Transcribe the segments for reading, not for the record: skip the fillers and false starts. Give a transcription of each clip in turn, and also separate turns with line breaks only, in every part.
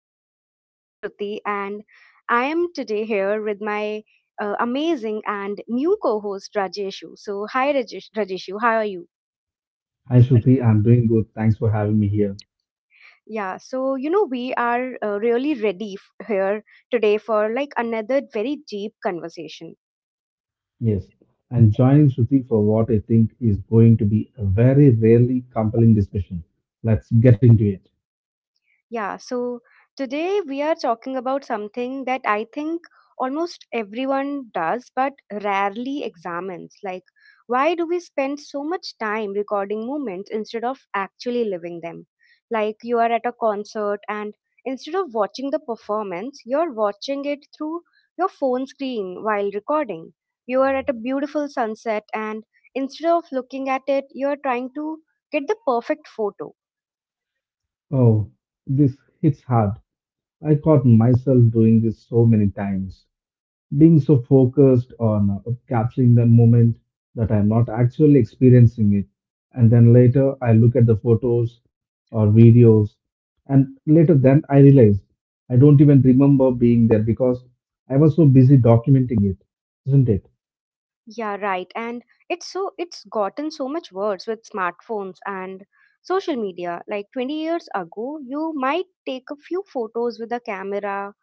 this is your host, Shruti, and I am today here with my amazing and new co host, Rajeshu. So, hi, Rajeshu. How are you?
Hi Shruti, I'm doing good. Thanks for having me here.
Yeah, so, you know, we are really ready f- here today for like another very deep conversation.
Yes, and joining Shruti for what I think is going to be a very rarely compelling discussion. Let's get into it.
Yeah, so today we are talking about something that I think almost everyone does but rarely examines. Like, why do we spend so much time recording moments instead of actually living them? Like, you are at a concert and instead of watching the performance, you're watching it through your phone screen while recording. You are at a beautiful sunset and instead of looking at it, you're trying to get the perfect photo.
Oh, this hits hard. I caught myself doing this so many times, being so focused on capturing the moment that I'm not actually experiencing it. And then later I look at the photos or videos, and later then I realize I don't even remember being there because I was so busy documenting it, isn't it?
Yeah, right. And it's gotten so much worse with smartphones and social media. Like 20 years ago, you might take a few photos with a camera,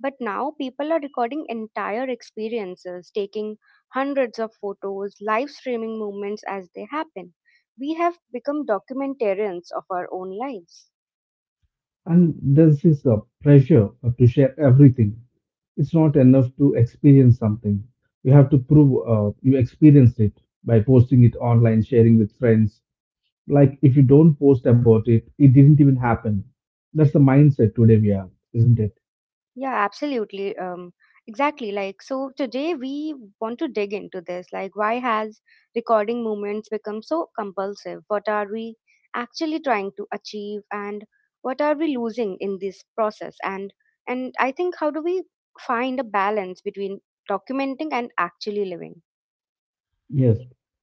but now people are recording entire experiences, taking hundreds of photos, live streaming moments as they happen. We have become documentarians of our own lives.
And this is a pressure to share everything. It's not enough to experience something. You have to prove you experienced it by posting it online, sharing with friends. Like if you don't post about it, it didn't even happen. That's the mindset today we are, isn't it?
Yeah, absolutely. Exactly. Like, so today we want to dig into this. Like, why has recording movements become so compulsive? What are we actually trying to achieve, and what are we losing in this process? And I think how do we find a balance between documenting and actually living?
Yes.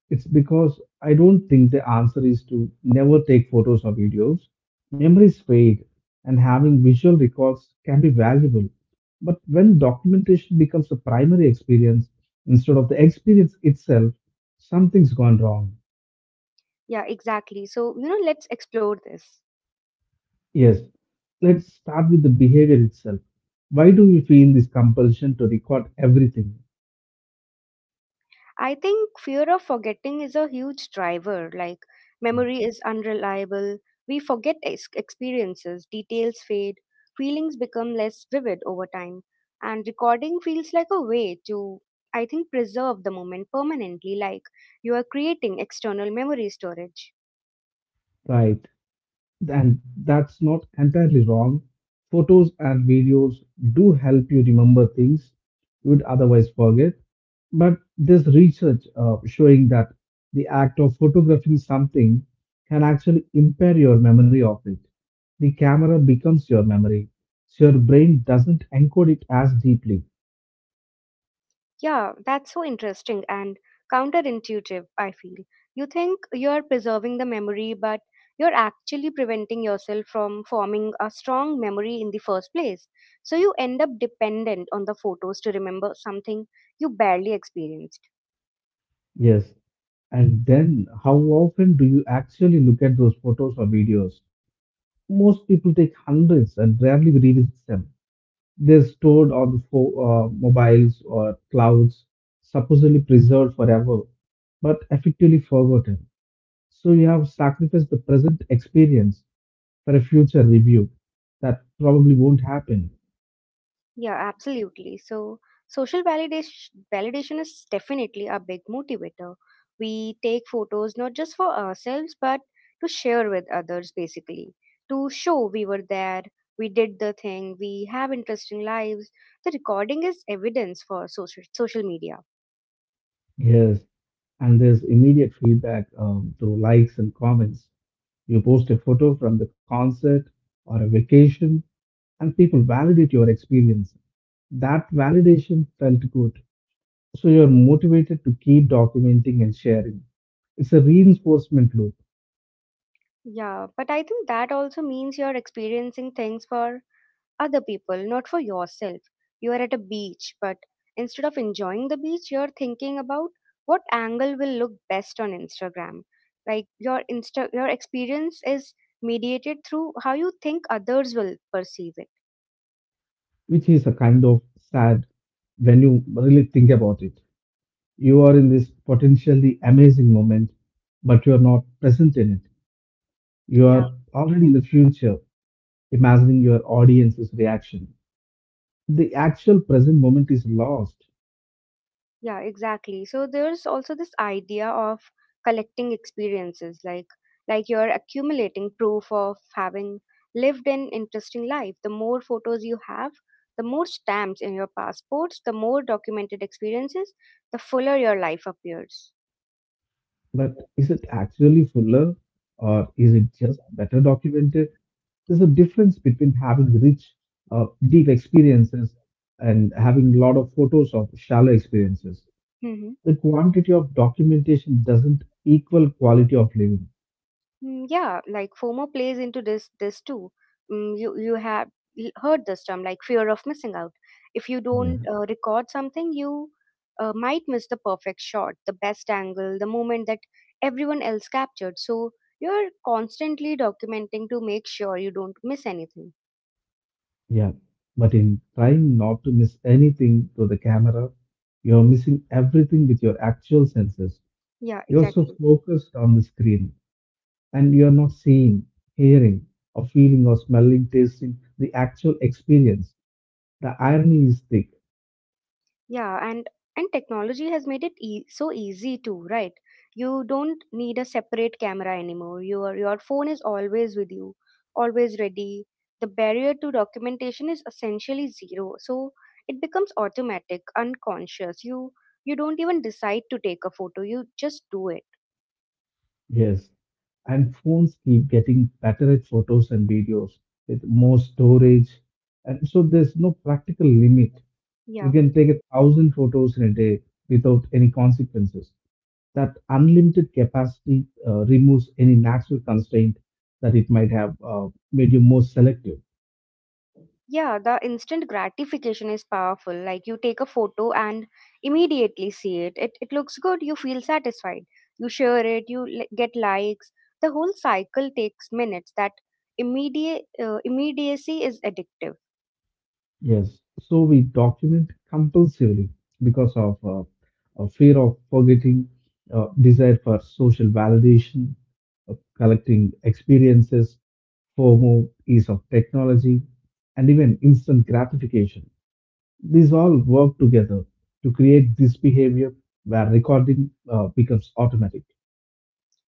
It's because I don't think the answer is to never take photos or videos. Memories fade, and having visual records can be valuable. But when documentation becomes the primary experience instead of the experience itself, something's gone wrong.
Yeah, exactly. So you know, let's explore this.
Yes, let's start with the behavior itself. Why do we feel this compulsion to record everything?
I think fear of forgetting is a huge driver. Like, memory is unreliable. We forget experiences, details fade, feelings become less vivid over time. And recording feels like a way to, I think, preserve the moment permanently, like you are creating external memory storage.
Right. And that's not entirely wrong. Photos and videos do help you remember things you would otherwise forget. But there's research showing that the act of photographing something can actually impair your memory of it. The camera becomes your memory, so your brain doesn't encode it as deeply.
Yeah, that's so interesting and counterintuitive, I feel. You think you're preserving the memory, but you're actually preventing yourself from forming a strong memory in the first place. So you end up dependent on the photos to remember something you barely experienced.
Yes. And then, how often do you actually look at those photos or videos? Most people take hundreds and rarely revisit them. They're stored on the mobiles or clouds, supposedly preserved forever, but effectively forgotten. So you have sacrificed the present experience for a future review that probably won't happen.
Yeah, absolutely. So, social validation is definitely a big motivator. We take photos not just for ourselves but to share with others basically, to show we were there, we did the thing, we have interesting lives. The recording is evidence for social media.
Yes, and there's immediate feedback through likes and comments. You post a photo from the concert or a vacation, and people validate your experience. That validation felt good, so you're motivated to keep documenting and sharing. It's a reinforcement loop,
Yeah, but I think that also means you're experiencing things for other people, not for yourself. You are at a beach, but instead of enjoying the beach, you're thinking about what angle will look best on Instagram. Like your experience is mediated through how you think others will perceive it.
which is a kind of sad when you really think about it. You are in this potentially amazing moment, but you are not present in it. You are already in the future, imagining your audience's reaction. The actual present moment is lost.
Yeah, exactly. So there's also this idea of collecting experiences, like you're accumulating proof of having lived an interesting life. The more photos you have, the more stamps in your passports, the more documented experiences, the fuller your life appears.
But is it actually fuller, or is it just better documented? There's a difference between having rich, deep experiences and having a lot of photos of shallow experiences.
Mm-hmm.
The quantity of documentation doesn't equal quality of living.
Mm, yeah, like FOMO plays into this too. Mm, you have heard this term like fear of missing out. If you don't
Yeah.
record something, you might miss the perfect shot, the best angle, the moment that everyone else captured. So you're constantly documenting to make sure you don't miss anything.
Yeah, but in trying not to miss anything through the camera, you're missing everything with your actual senses.
Yeah,
You're so
exactly.
focused on the screen, and you are not seeing, hearing, or feeling, or smelling, tasting the actual experience. The irony is thick.
Yeah, and technology has made it so easy too, right? You don't need a separate camera anymore. Your phone is always with you, always ready. The barrier to documentation is essentially zero, so it becomes automatic, unconscious. You don't even decide to take a photo. You just do it.
Yes, and phones keep getting better at photos and videos with more storage, and so there's no practical limit. You
Yeah.
can take 1,000 photos in a day without any consequences. That unlimited capacity removes any natural constraint that it might have made you more selective.
Yeah, the instant gratification is powerful. Like you take a photo and immediately see it. It looks good, you feel satisfied. You share it, you get likes. The whole cycle takes minutes. That immediate immediacy is addictive.
Yes, so we document compulsively because of a fear of forgetting, desire for social validation, collecting experiences, FOMO, ease of technology, and even instant gratification. These all work together to create this behavior where recording becomes automatic.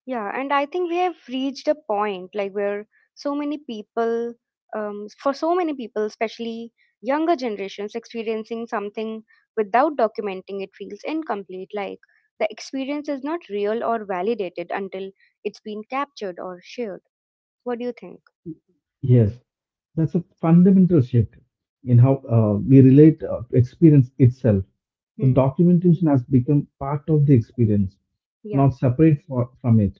Yeah, and I think we have reached a point like where so many people, especially younger generations, experiencing something without documenting it feels incomplete. Like the experience is not real or validated until it's been captured or shared. What do you think?
Yes, that's a fundamental shift in how we relate to experience itself. The
Hmm.
documentation has become part of the experience,
Yeah,
not separate from it,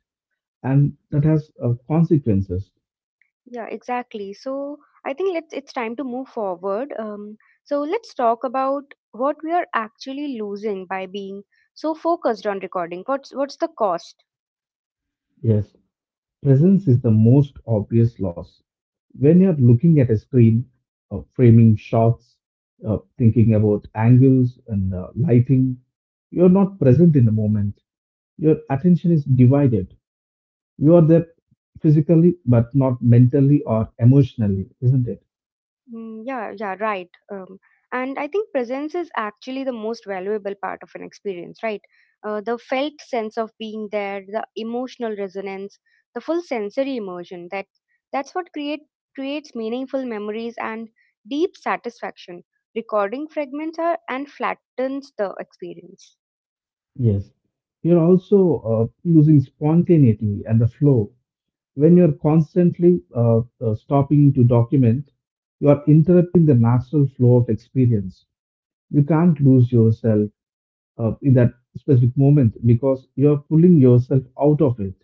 and that has consequences.
yeah, exactly. So I think let's it's time to move forward. So let's talk about what we are actually losing by being so focused on recording. What's the cost?
Yes, presence is the most obvious loss. When you're looking at a screen, framing shots, thinking about angles and lighting, you're not present in the moment. Your attention is divided. You are there physically, but not mentally or emotionally, isn't it?
Mm, yeah, yeah, right. And I think presence is actually the most valuable part of an experience, right? The felt sense of being there, the emotional resonance, the full sensory immersion. That's what creates meaningful memories and deep satisfaction. Recording fragments are and flattens the experience.
Yes, you're also losing spontaneity and the flow. When you're constantly stopping to document, you are interrupting the natural flow of experience. You can't lose yourself in that specific moment because you're pulling yourself out of it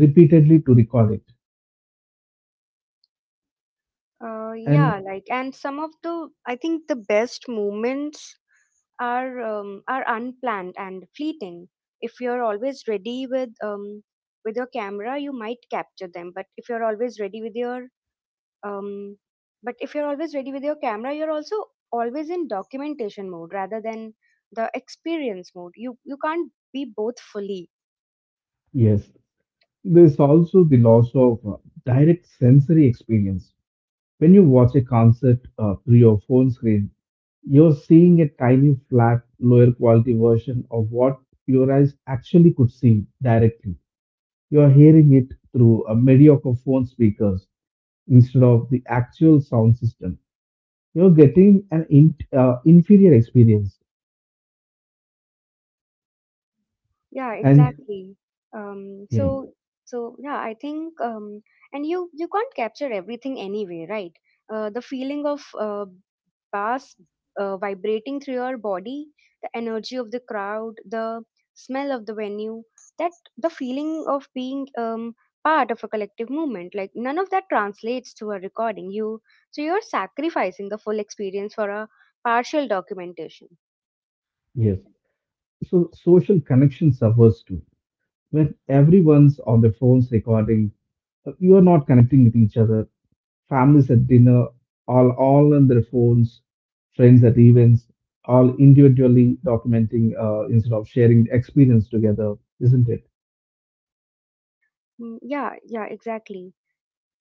repeatedly to record it. And
Yeah, like, and some of I think the best moments are unplanned and fleeting. If you're always ready with your camera, you might capture them. But if you're always ready with your um, but if you're always ready with your camera, you're also always in documentation mode rather than the experience mode. You can't be both fully.
yes, there's also the loss of direct sensory experience. When you watch a concert through your phone screen, you're seeing a tiny, flat, lower quality version of what your eyes actually could see directly. You are hearing it through a mediocre phone speakers instead of the actual sound system. You're getting an inferior experience,
Yeah,
and
exactly. Um,
you know,
so so yeah, I think and you can't capture everything anyway, right? The feeling of bass vibrating through your body, the energy of the crowd, the smell of the venue, that the feeling of being part of a collective movement. Like none of that translates to a recording. You so you're sacrificing the full experience for a partial documentation.
yes. So social connection suffers too. When everyone's on their phones recording, you are not connecting with each other. Families at dinner, all on their phones, friends at events, all individually documenting instead of sharing the experience together, isn't it?
Mm, yeah, yeah, exactly.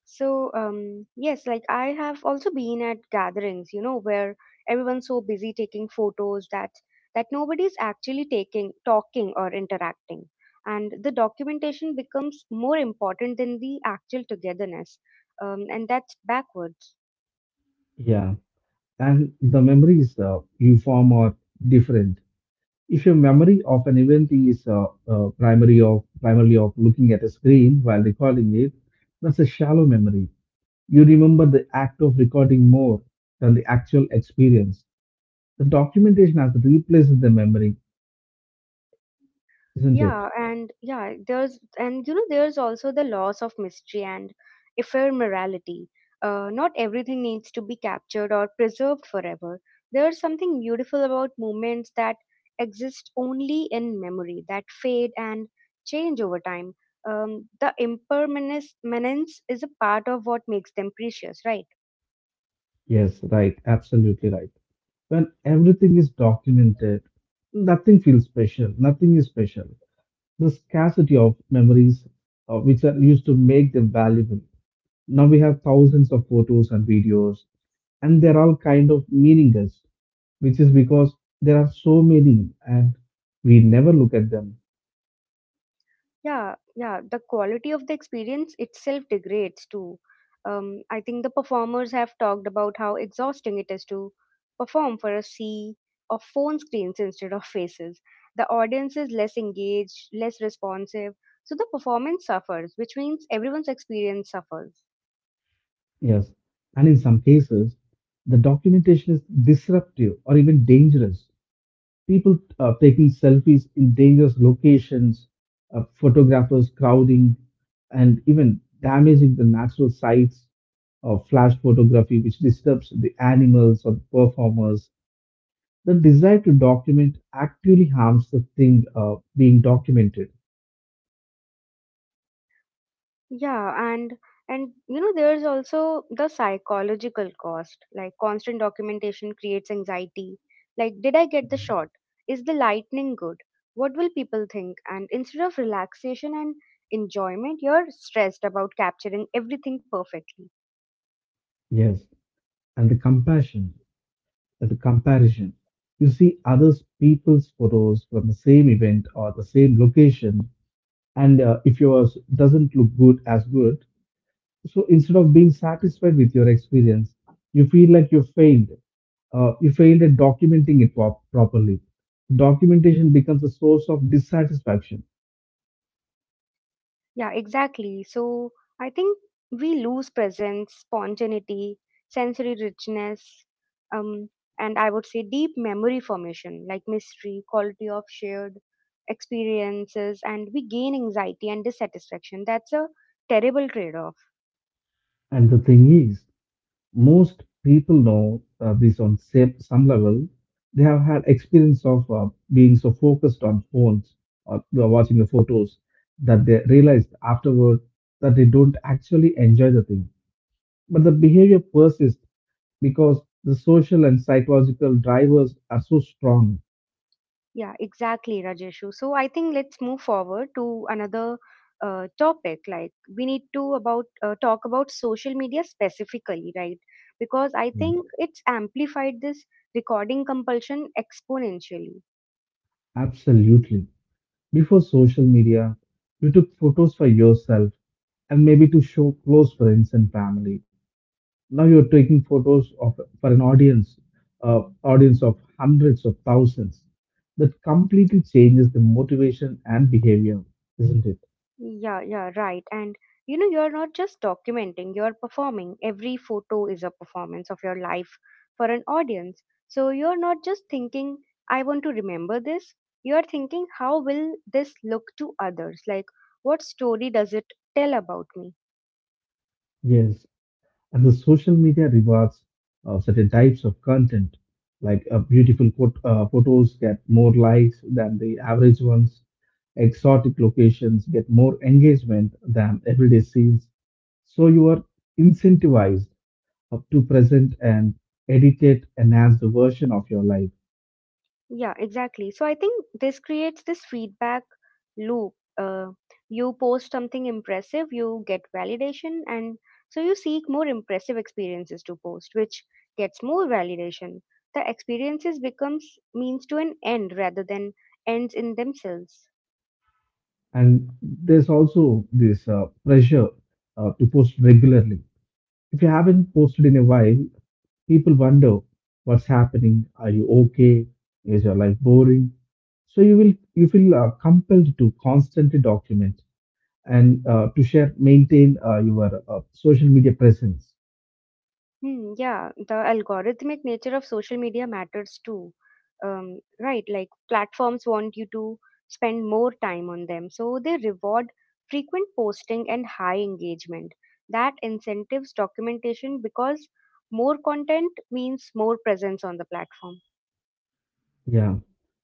So, yes, like I have also been at gatherings, you know, where everyone's so busy taking photos that nobody's actually talking or interacting. And the documentation becomes more important than the actual togetherness. And that's backwards.
Yeah. And the memories you form are different. If your memory of an event is primary of primarily of looking at a screen while recording it, that's a shallow memory. You remember the act of recording more than the actual experience. The documentation has replaced the memory, isn't it?
Yeah, and you know there's also the loss of mystery and ephemerality. Not everything needs to be captured or preserved forever. There's something beautiful about moments that exist only in memory, that fade and change over time. The impermanence is a part of what makes them precious, right?
Yes, right. Absolutely right. When everything is documented, nothing feels special. Nothing is special. The scarcity of memories, which are used to make them valuable. Now we have thousands of photos and videos, and they're all kind of meaningless, which is because there are so many and we never look at them.
Yeah, yeah. The quality of the experience itself degrades too. I think the performers have talked about how exhausting it is to perform for a sea of phone screens instead of faces. The audience is less engaged, less responsive, so the performance suffers, which means everyone's experience suffers.
Yes. And in some cases, the documentation is disruptive or even dangerous, people taking selfies in dangerous locations, photographers crowding, and even damaging the natural sites of flash photography, which disturbs the animals or the performers. The desire to document actually harms the thing being documented.
Yeah, and you know there's also the psychological cost. Like constant documentation creates anxiety. Like did I get the shot? Is the lightning good? What will people think? And instead of relaxation and enjoyment, you're stressed about capturing everything perfectly.
Yes, and the compassion, and the comparison. You see others people's photos from the same event or the same location, and if yours doesn't look good as good, so instead of being satisfied with your experience, you feel like you failed. You failed at documenting it properly. Documentation becomes a source of dissatisfaction.
Yeah, exactly. So I think we lose presence, spontaneity, sensory richness, um, and I would say deep memory formation, like mystery, quality of shared experiences, and we gain anxiety and dissatisfaction. That's a terrible trade off.
And the thing is, most people know this on some level. They have had experience of being so focused on phones or they watching the photos that they realized afterward that they don't actually enjoy the thing. But the behavior persists because the social and psychological drivers are so strong.
Yeah, exactly, Rajeshu. So I think let's move forward to another topic. Like we need to about talk about social media specifically, right? Because I
Yeah.
think it's amplified this recording compulsion exponentially.
Absolutely. Before social media, you took photos for yourself and maybe to show close friends and family. Now you're taking photos of for an audience, audience of hundreds of thousands. That completely changes the motivation and behavior, isn't it?
Yeah, yeah, right. And you know, you're not just documenting, you're performing. Every photo is a performance of your life for an audience. So you're not just thinking, I want to remember this. You're thinking, how will this look to others? Like, what story does it tell about me?
Yes. And the social media rewards certain types of content, like beautiful photos get more likes than the average ones, exotic locations get more engagement than everyday scenes. So you are incentivized up to present and edit it, enhance the version of your life.
Yeah, exactly. So I think this creates this feedback loop. Uh, you post something impressive, you get validation, and so you seek more impressive experiences to post, which gets more validation. The experiences becomes means to an end rather than ends in themselves.
And there's also this pressure to post regularly. If you haven't posted in a while, people wonder what's happening. Are you okay? Is your life boring? So you feel compelled to constantly document and to share, maintain your social media presence.
Hmm, yeah, the algorithmic nature of social media matters too. Right, like platforms want you to spend more time on them, so they reward frequent posting and high engagement. That incentives documentation because more content means more presence on the platform.
Yeah,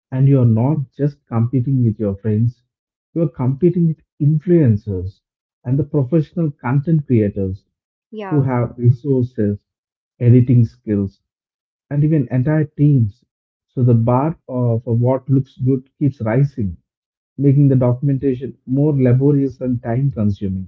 and you are not just competing with your friends, you are competing with influencers and the professional content creators who
Yeah.
have resources, editing skills, and even entire teams. So the bar for what looks good keeps rising, making the documentation more laborious and time consuming.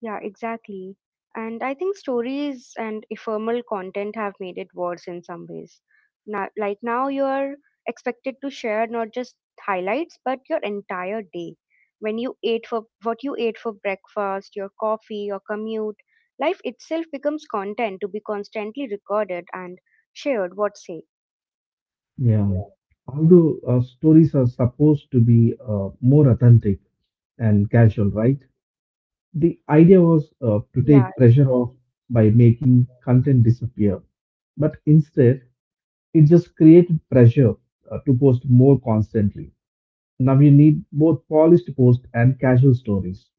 Yeah, exactly. And I think stories and ephemeral content have made it worse in some ways. Now, you're expected to share not just highlights, but your entire day. When you ate for what you ate for breakfast, your coffee, your commute, life itself becomes content to be constantly recorded and shared, what say?
Yeah.
Yeah.
Although stories are supposed to be more authentic and casual, right? The idea was to
Yeah,
take pressure off by making content disappear. But instead, it just created pressure to post more constantly. Now you need both polished posts and casual stories.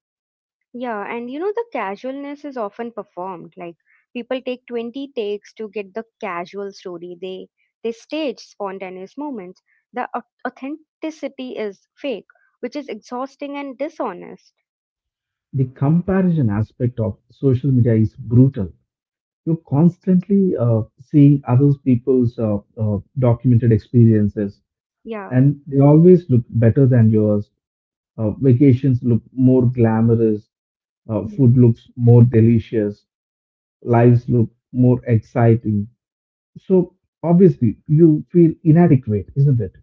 Yeah, and you know, the casualness is often performed. Like people take 20 takes to get the casual story. They stage spontaneous moments. The authenticity is fake, which is exhausting and dishonest.
The comparison aspect of social media is brutal, you're constantly seeing other people's documented experiences,
Yeah.
and they always look better than yours. Vacations look more glamorous, food looks more delicious, lives look more exciting. So obviously, you feel inadequate, isn't it?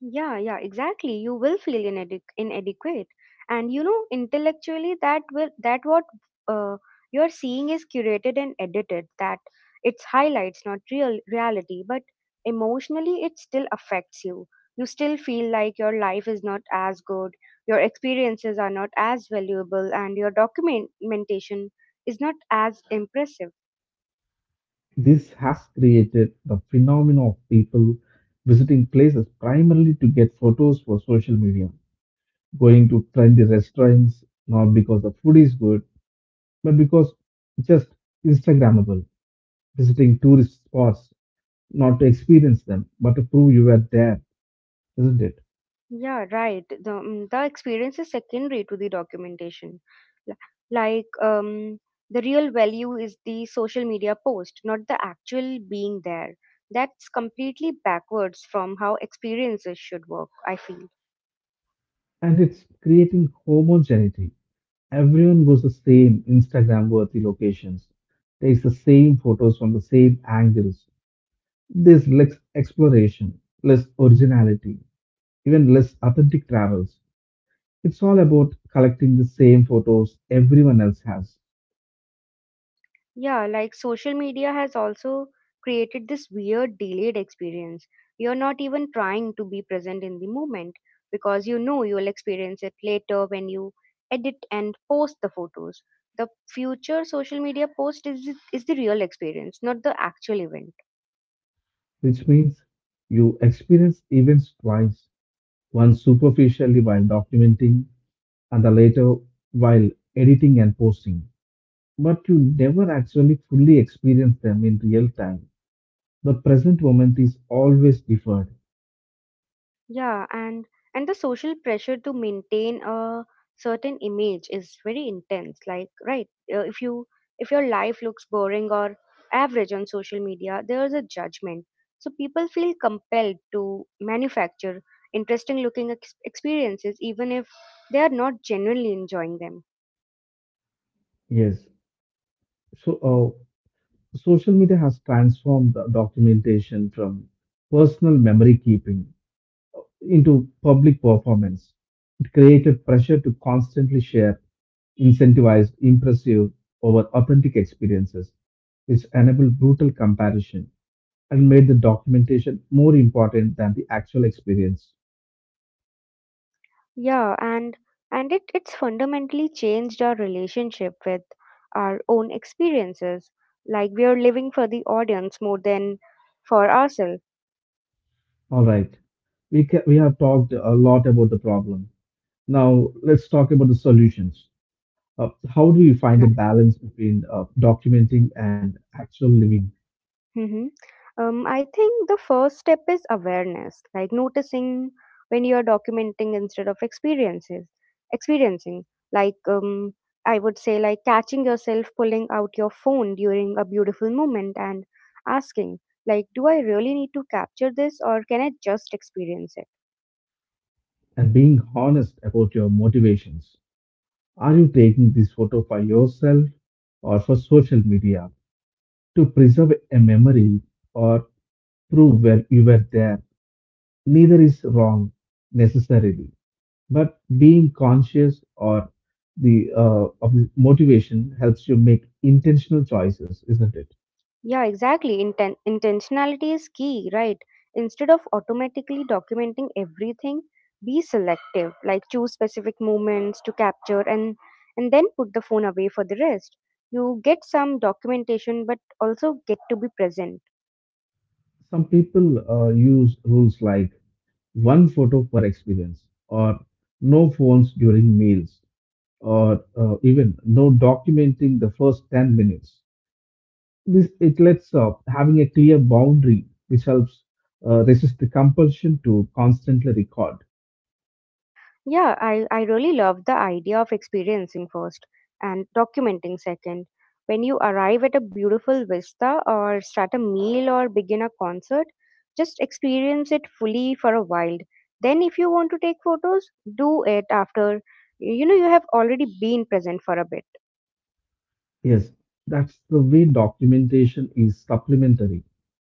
Yeah, yeah, exactly. You will feel inadequate, and you know intellectually that what uh, you're seeing is curated and edited. That it's highlights, not real reality, but emotionally it still affects you. You still feel like your life is not as good, your experiences are not as valuable, and your documentation is not as impressive.
This has created the phenomenon of people visiting places primarily to get photos for social media, going to trendy restaurants not because the food is good, but because just Instagrammable, visiting tourist spots not to experience them, but to prove you were there, isn't it?
Yeah, right. The experience is secondary to the documentation. L- Like, um, the real value is the social media post, not the actual being there. That's completely backwards from how experiences should work, I feel.
And it's creating homogeneity. Everyone goes the same Instagram worthy locations, takes the same photos from the same angles. There's less exploration, less originality, even less authentic travels. It's all about collecting the same photos everyone else has,
Yeah, like social media has also created this weird delayed experience. You're not even trying to be present in the moment because you know you'll experience it later when you edit and post the photos. The future social media post is the real experience, not the actual event.
which means you experience events twice, one superficially while documenting, and the later while editing and posting. But you never actually fully experience them in real time. The present moment is always deferred.
Yeah, and the social pressure to maintain a certain image is very intense. Like, right, if you if your life looks boring or average on social media, there is a judgment. So people feel compelled to manufacture interesting looking experiences even if they are not genuinely enjoying them.
Yes. So, uh, social media has transformed the documentation from personal memory keeping into public performance. It created pressure to constantly share incentivized, impressive, over authentic experiences, which enabled brutal comparison, and made the documentation more important than the actual experience.
Yeah, and it's fundamentally changed our relationship with our own experiences. Like we are living for the audience more than for ourselves.
All right, we have talked a lot about the problem. Now let's talk about the solutions. How do you find a balance between documenting and actual living
Mm-hmm. I think the first step is awareness, like noticing when you are documenting instead of experiencing. Like, I would say, like catching yourself pulling out your phone during a beautiful moment and asking, like, do I really need to capture this, or can I just experience it?
and being honest about your motivations? Are you taking this photo for yourself or for social media to preserve a memory or prove where you were there? Neither is wrong necessarily. But being conscious or the of the motivation helps you make intentional choices, isn't it?
Yeah, exactly. Intentionality is key, right? Instead of automatically documenting everything, be selective, like choose specific moments to capture and then put the phone away for the rest. You get some documentation but also get to be present.
Some people use rules like one photo per experience, or no phones during meals, or even no documenting the first 10 minutes. This it lets up having a clear boundary, which helps resist the compulsion to constantly record.
Yeah, I really love the idea of experiencing first and documenting second. When you arrive at a beautiful vista or start a meal or begin a concert, just experience it fully for a while. Then, if you want to take photos, do it after you know you have already been present for a bit.
Yes, that's the way documentation is supplementary,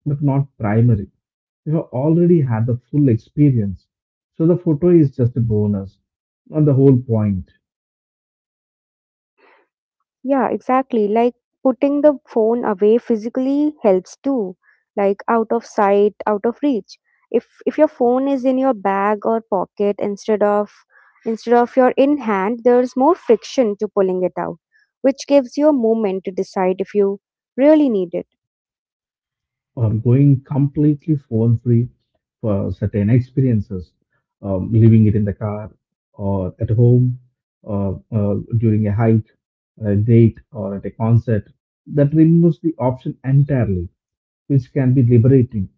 but not primary. You have already had the full experience, so the photo is just a bonus, not the whole point.
Yeah, exactly. Like putting the phone away physically helps too, like out of sight, out of reach. If your phone is in your bag or pocket instead of your in hand, there's more friction to pulling it out, which gives you a moment to decide if you really need it.
Or going completely phone free for certain experiences, leaving it in the car or at home or during a hike, a date, or at a concert, that removes the option entirely, which can be liberating.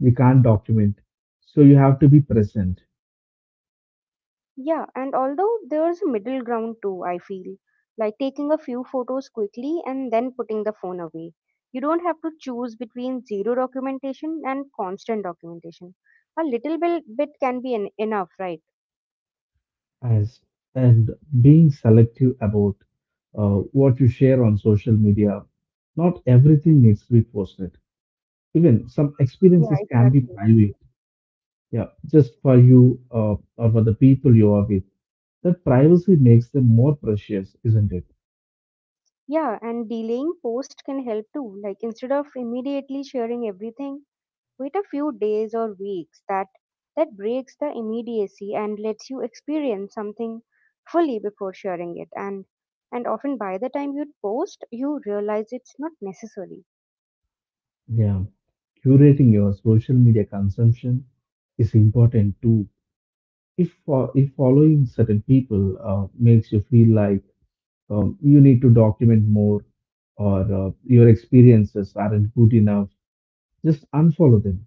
You can't document. So you have to be present.
Yeah, and although there's a middle ground too, I feel like taking a few photos quickly and then putting the phone away. You don't have to choose between zero documentation and constant documentation. A little bit can be enough, right?
As and being selective about what you share on social media. Not everything needs to be posted. Even some
Yeah,
experiences can be
exactly.
private. Yeah, just for you or for the people you are with. That privacy makes them more precious, isn't it?
Yeah, and delaying post can help too. Like instead of immediately sharing everything, wait a few days or weeks that breaks the immediacy and lets you experience something fully before sharing it, and often by the time you post you realize it's not necessary.
Yeah. Curating your social media consumption is important too. If, if following certain people makes you feel like you need to document more or your experiences aren't good enough, just unfollow them.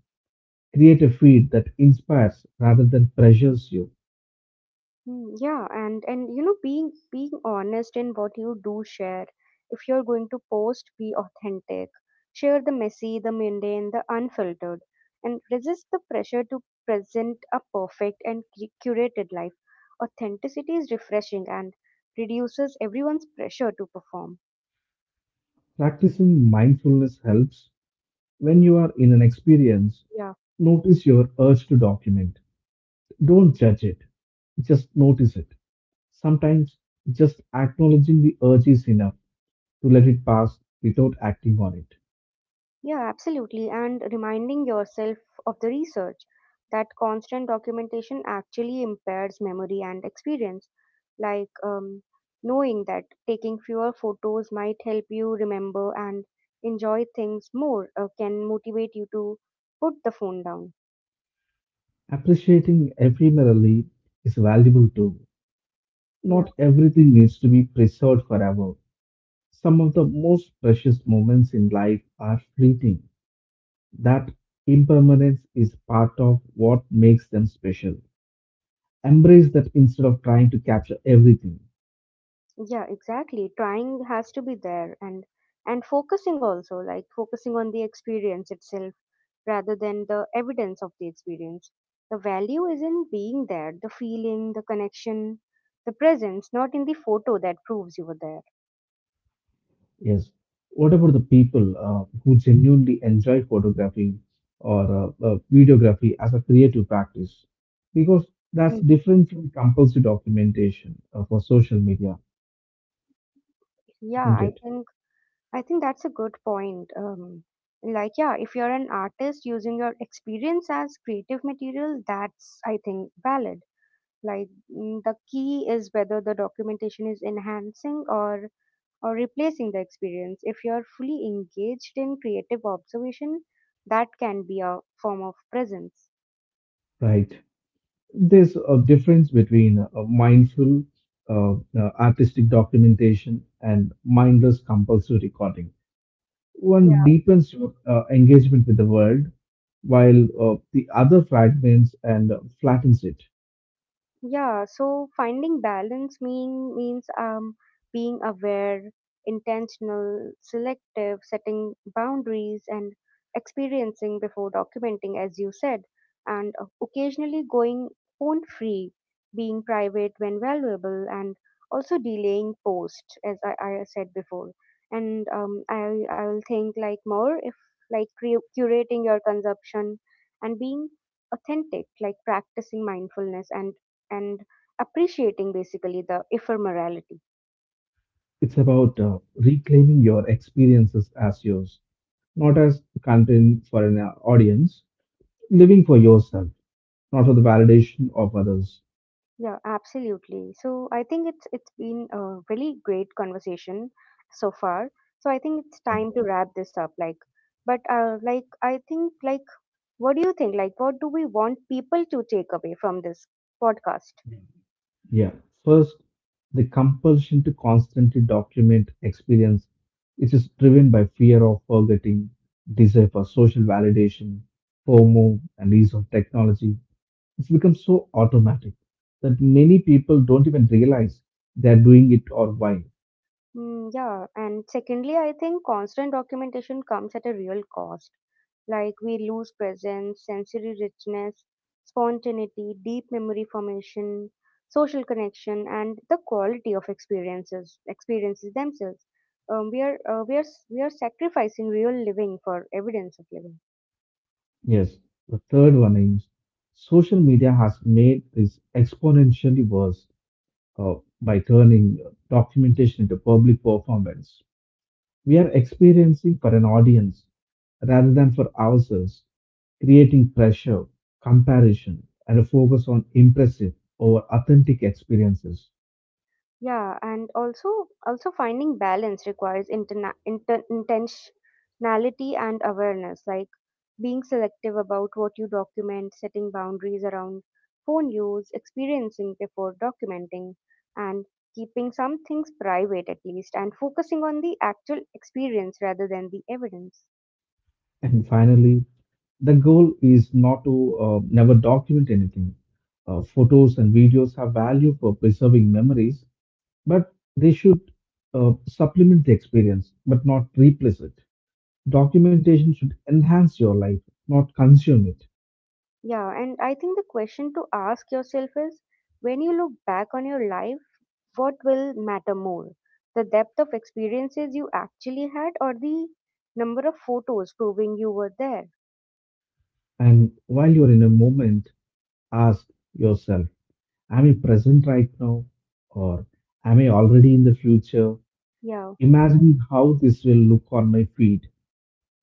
Create a feed that inspires rather than pressures you.
Yeah, and you know, being honest in what you do share. If you're going to post, be authentic. Share the messy, the mundane, the unfiltered, and resist the pressure to present a perfect and curated life. Authenticity is refreshing and reduces everyone's pressure to perform.
Practicing mindfulness helps when you are in an experience,
Yeah.
notice your urge to document. Don't judge it, just notice it. Sometimes just acknowledging the urge is enough to let it pass without acting on it.
Yeah, absolutely. And reminding yourself of the research that constant documentation actually impairs memory and experience. Like knowing that taking fewer photos might help you remember and enjoy things more, can motivate you to put the phone down.
Appreciating every mirror is valuable too.
Yeah,
Not everything needs to be preserved forever. Some of the most precious moments in life are fleeting. That impermanence is part of what makes them special. Embrace that instead of trying to capture everything.
yeah, exactly. Trying has to be there, and focusing also, like focusing on the experience itself rather than the evidence of the experience. The value is in being there, the feeling, the connection, the presence, not in the photo that proves you were there.
Yes. What about the people who genuinely enjoy photography or videography as a creative practice? Because that's
Mhm.
different from compulsory documentation for social media,
Yeah,
isn't
I
it?
think I think that's a good point. Like yeah, if you're an artist using your experience as creative material, that's I think valid. Like the key is whether the documentation is enhancing or replacing the experience. If you are fully engaged in creative observation, that can be a form of presence.
Right. There's a difference between mindful artistic documentation and mindless compulsory recording. One deepens your engagement with the world, while the other fragments and flattens it.
Yeah, so finding balance means, being aware, intentional, selective, setting boundaries, and experiencing before documenting, as you said, and occasionally going phone free, being private when valuable, and also delaying post, as I said before. And I will think like more if like curating your consumption and being authentic, like practicing mindfulness and and appreciating basically the ephemerality.
It's about reclaiming your experiences as yours, not as content for an audience, living for yourself, not for the validation of others.
Yeah, absolutely. So I think it's been a really great conversation so far, so I think it's
Yeah.
time to wrap this up. Like, but like I think like, what do you think, like what do we want people to take away from this podcast?
Yeah. First, the compulsion to constantly document experience, which is driven by fear of forgetting, desire for social validation, FOMO, and use of technology. It's become so automatic that many people don't even realize they're doing it or why.
Yeah, and secondly, I think constant documentation comes at a real cost. Like we lose presence, sensory richness, spontaneity, deep memory formation, social connection, and the quality of experiences themselves. We are s- we are sacrificing real living for evidence of living.
Yes, the third one is social media has made this exponentially worse uh, by turning documentation into public performance. We are experiencing for an audience rather than for ourselves, creating pressure, comparison, and a focus on impressive over authentic experiences.
Yeah, and also finding balance requires intentionality and awareness, like being selective about what you document, setting boundaries around phone use, experiencing before documenting, and keeping some things private at least, and focusing on the actual experience rather than the evidence.
And finally, the goal is not to never document anything. Photos and videos have value for preserving memories, but they should supplement the experience, but not replace it. Documentation should enhance your life, not consume it.
Yeah, and I think the question to ask yourself is, when you look back on your life, what will matter more? The depth of experiences you actually had, or the number of photos proving you were there?
And while you're in a moment, ask yourself, am I present right now? Or am I already in the future?
Yeah.
Imagine how this will look on my feet.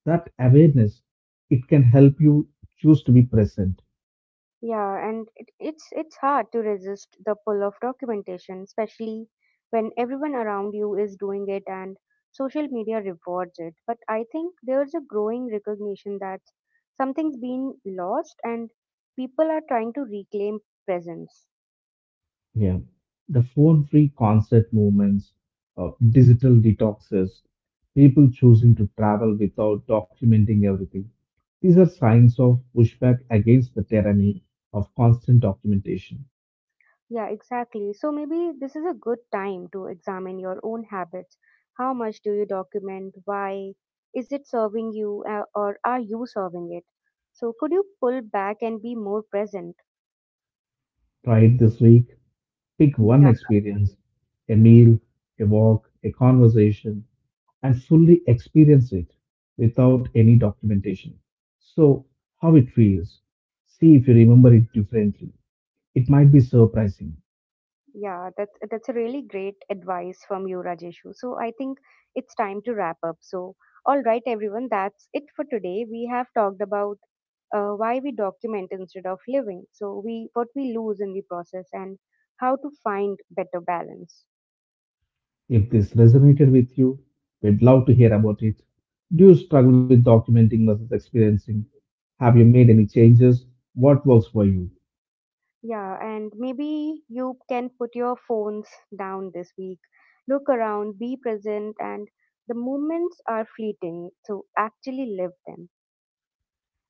That awareness, it can help you choose to be present.
Yeah, and it's hard to resist the pull of documentation, especially when everyone around you is doing it and social media rewards it. But I think there's a growing recognition that something's been lost and people are trying to reclaim presence.
Yeah. The phone free concert movements, digital detoxes, people choosing to travel without documenting everything. These are signs of pushback against the tyranny of constant documentation.
Yeah, exactly. So maybe this is a good time to examine your own habits. How much do you document? Why? Is it serving you, or are you serving it? So could you pull back and be more present?
Try it this week. Pick one
Yeah,
experience, a meal, a walk, a conversation, and fully experience it without any documentation. So, how it feels. See if you remember it differently. It might be surprising.
yeah, that's a really great advice from you, Rajeshu. So I think it's time to wrap up. So all right, everyone, that's it for today. We have talked about why we document instead of living, so we what we lose in the process, and how to find better balance.
If this resonated with you, we'd love to hear about it. Do you struggle with documenting versus experiencing? Have you made any changes? What works for you?
Yeah, and maybe you can put your phones down this week. Look around, be present, and the moments are fleeting, so actually live them.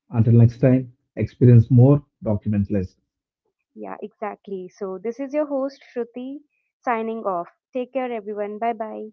Until next time, experience more, document less.
Yeah, exactly. So, this is your host, Shruti, signing off. Take care, everyone. Bye bye.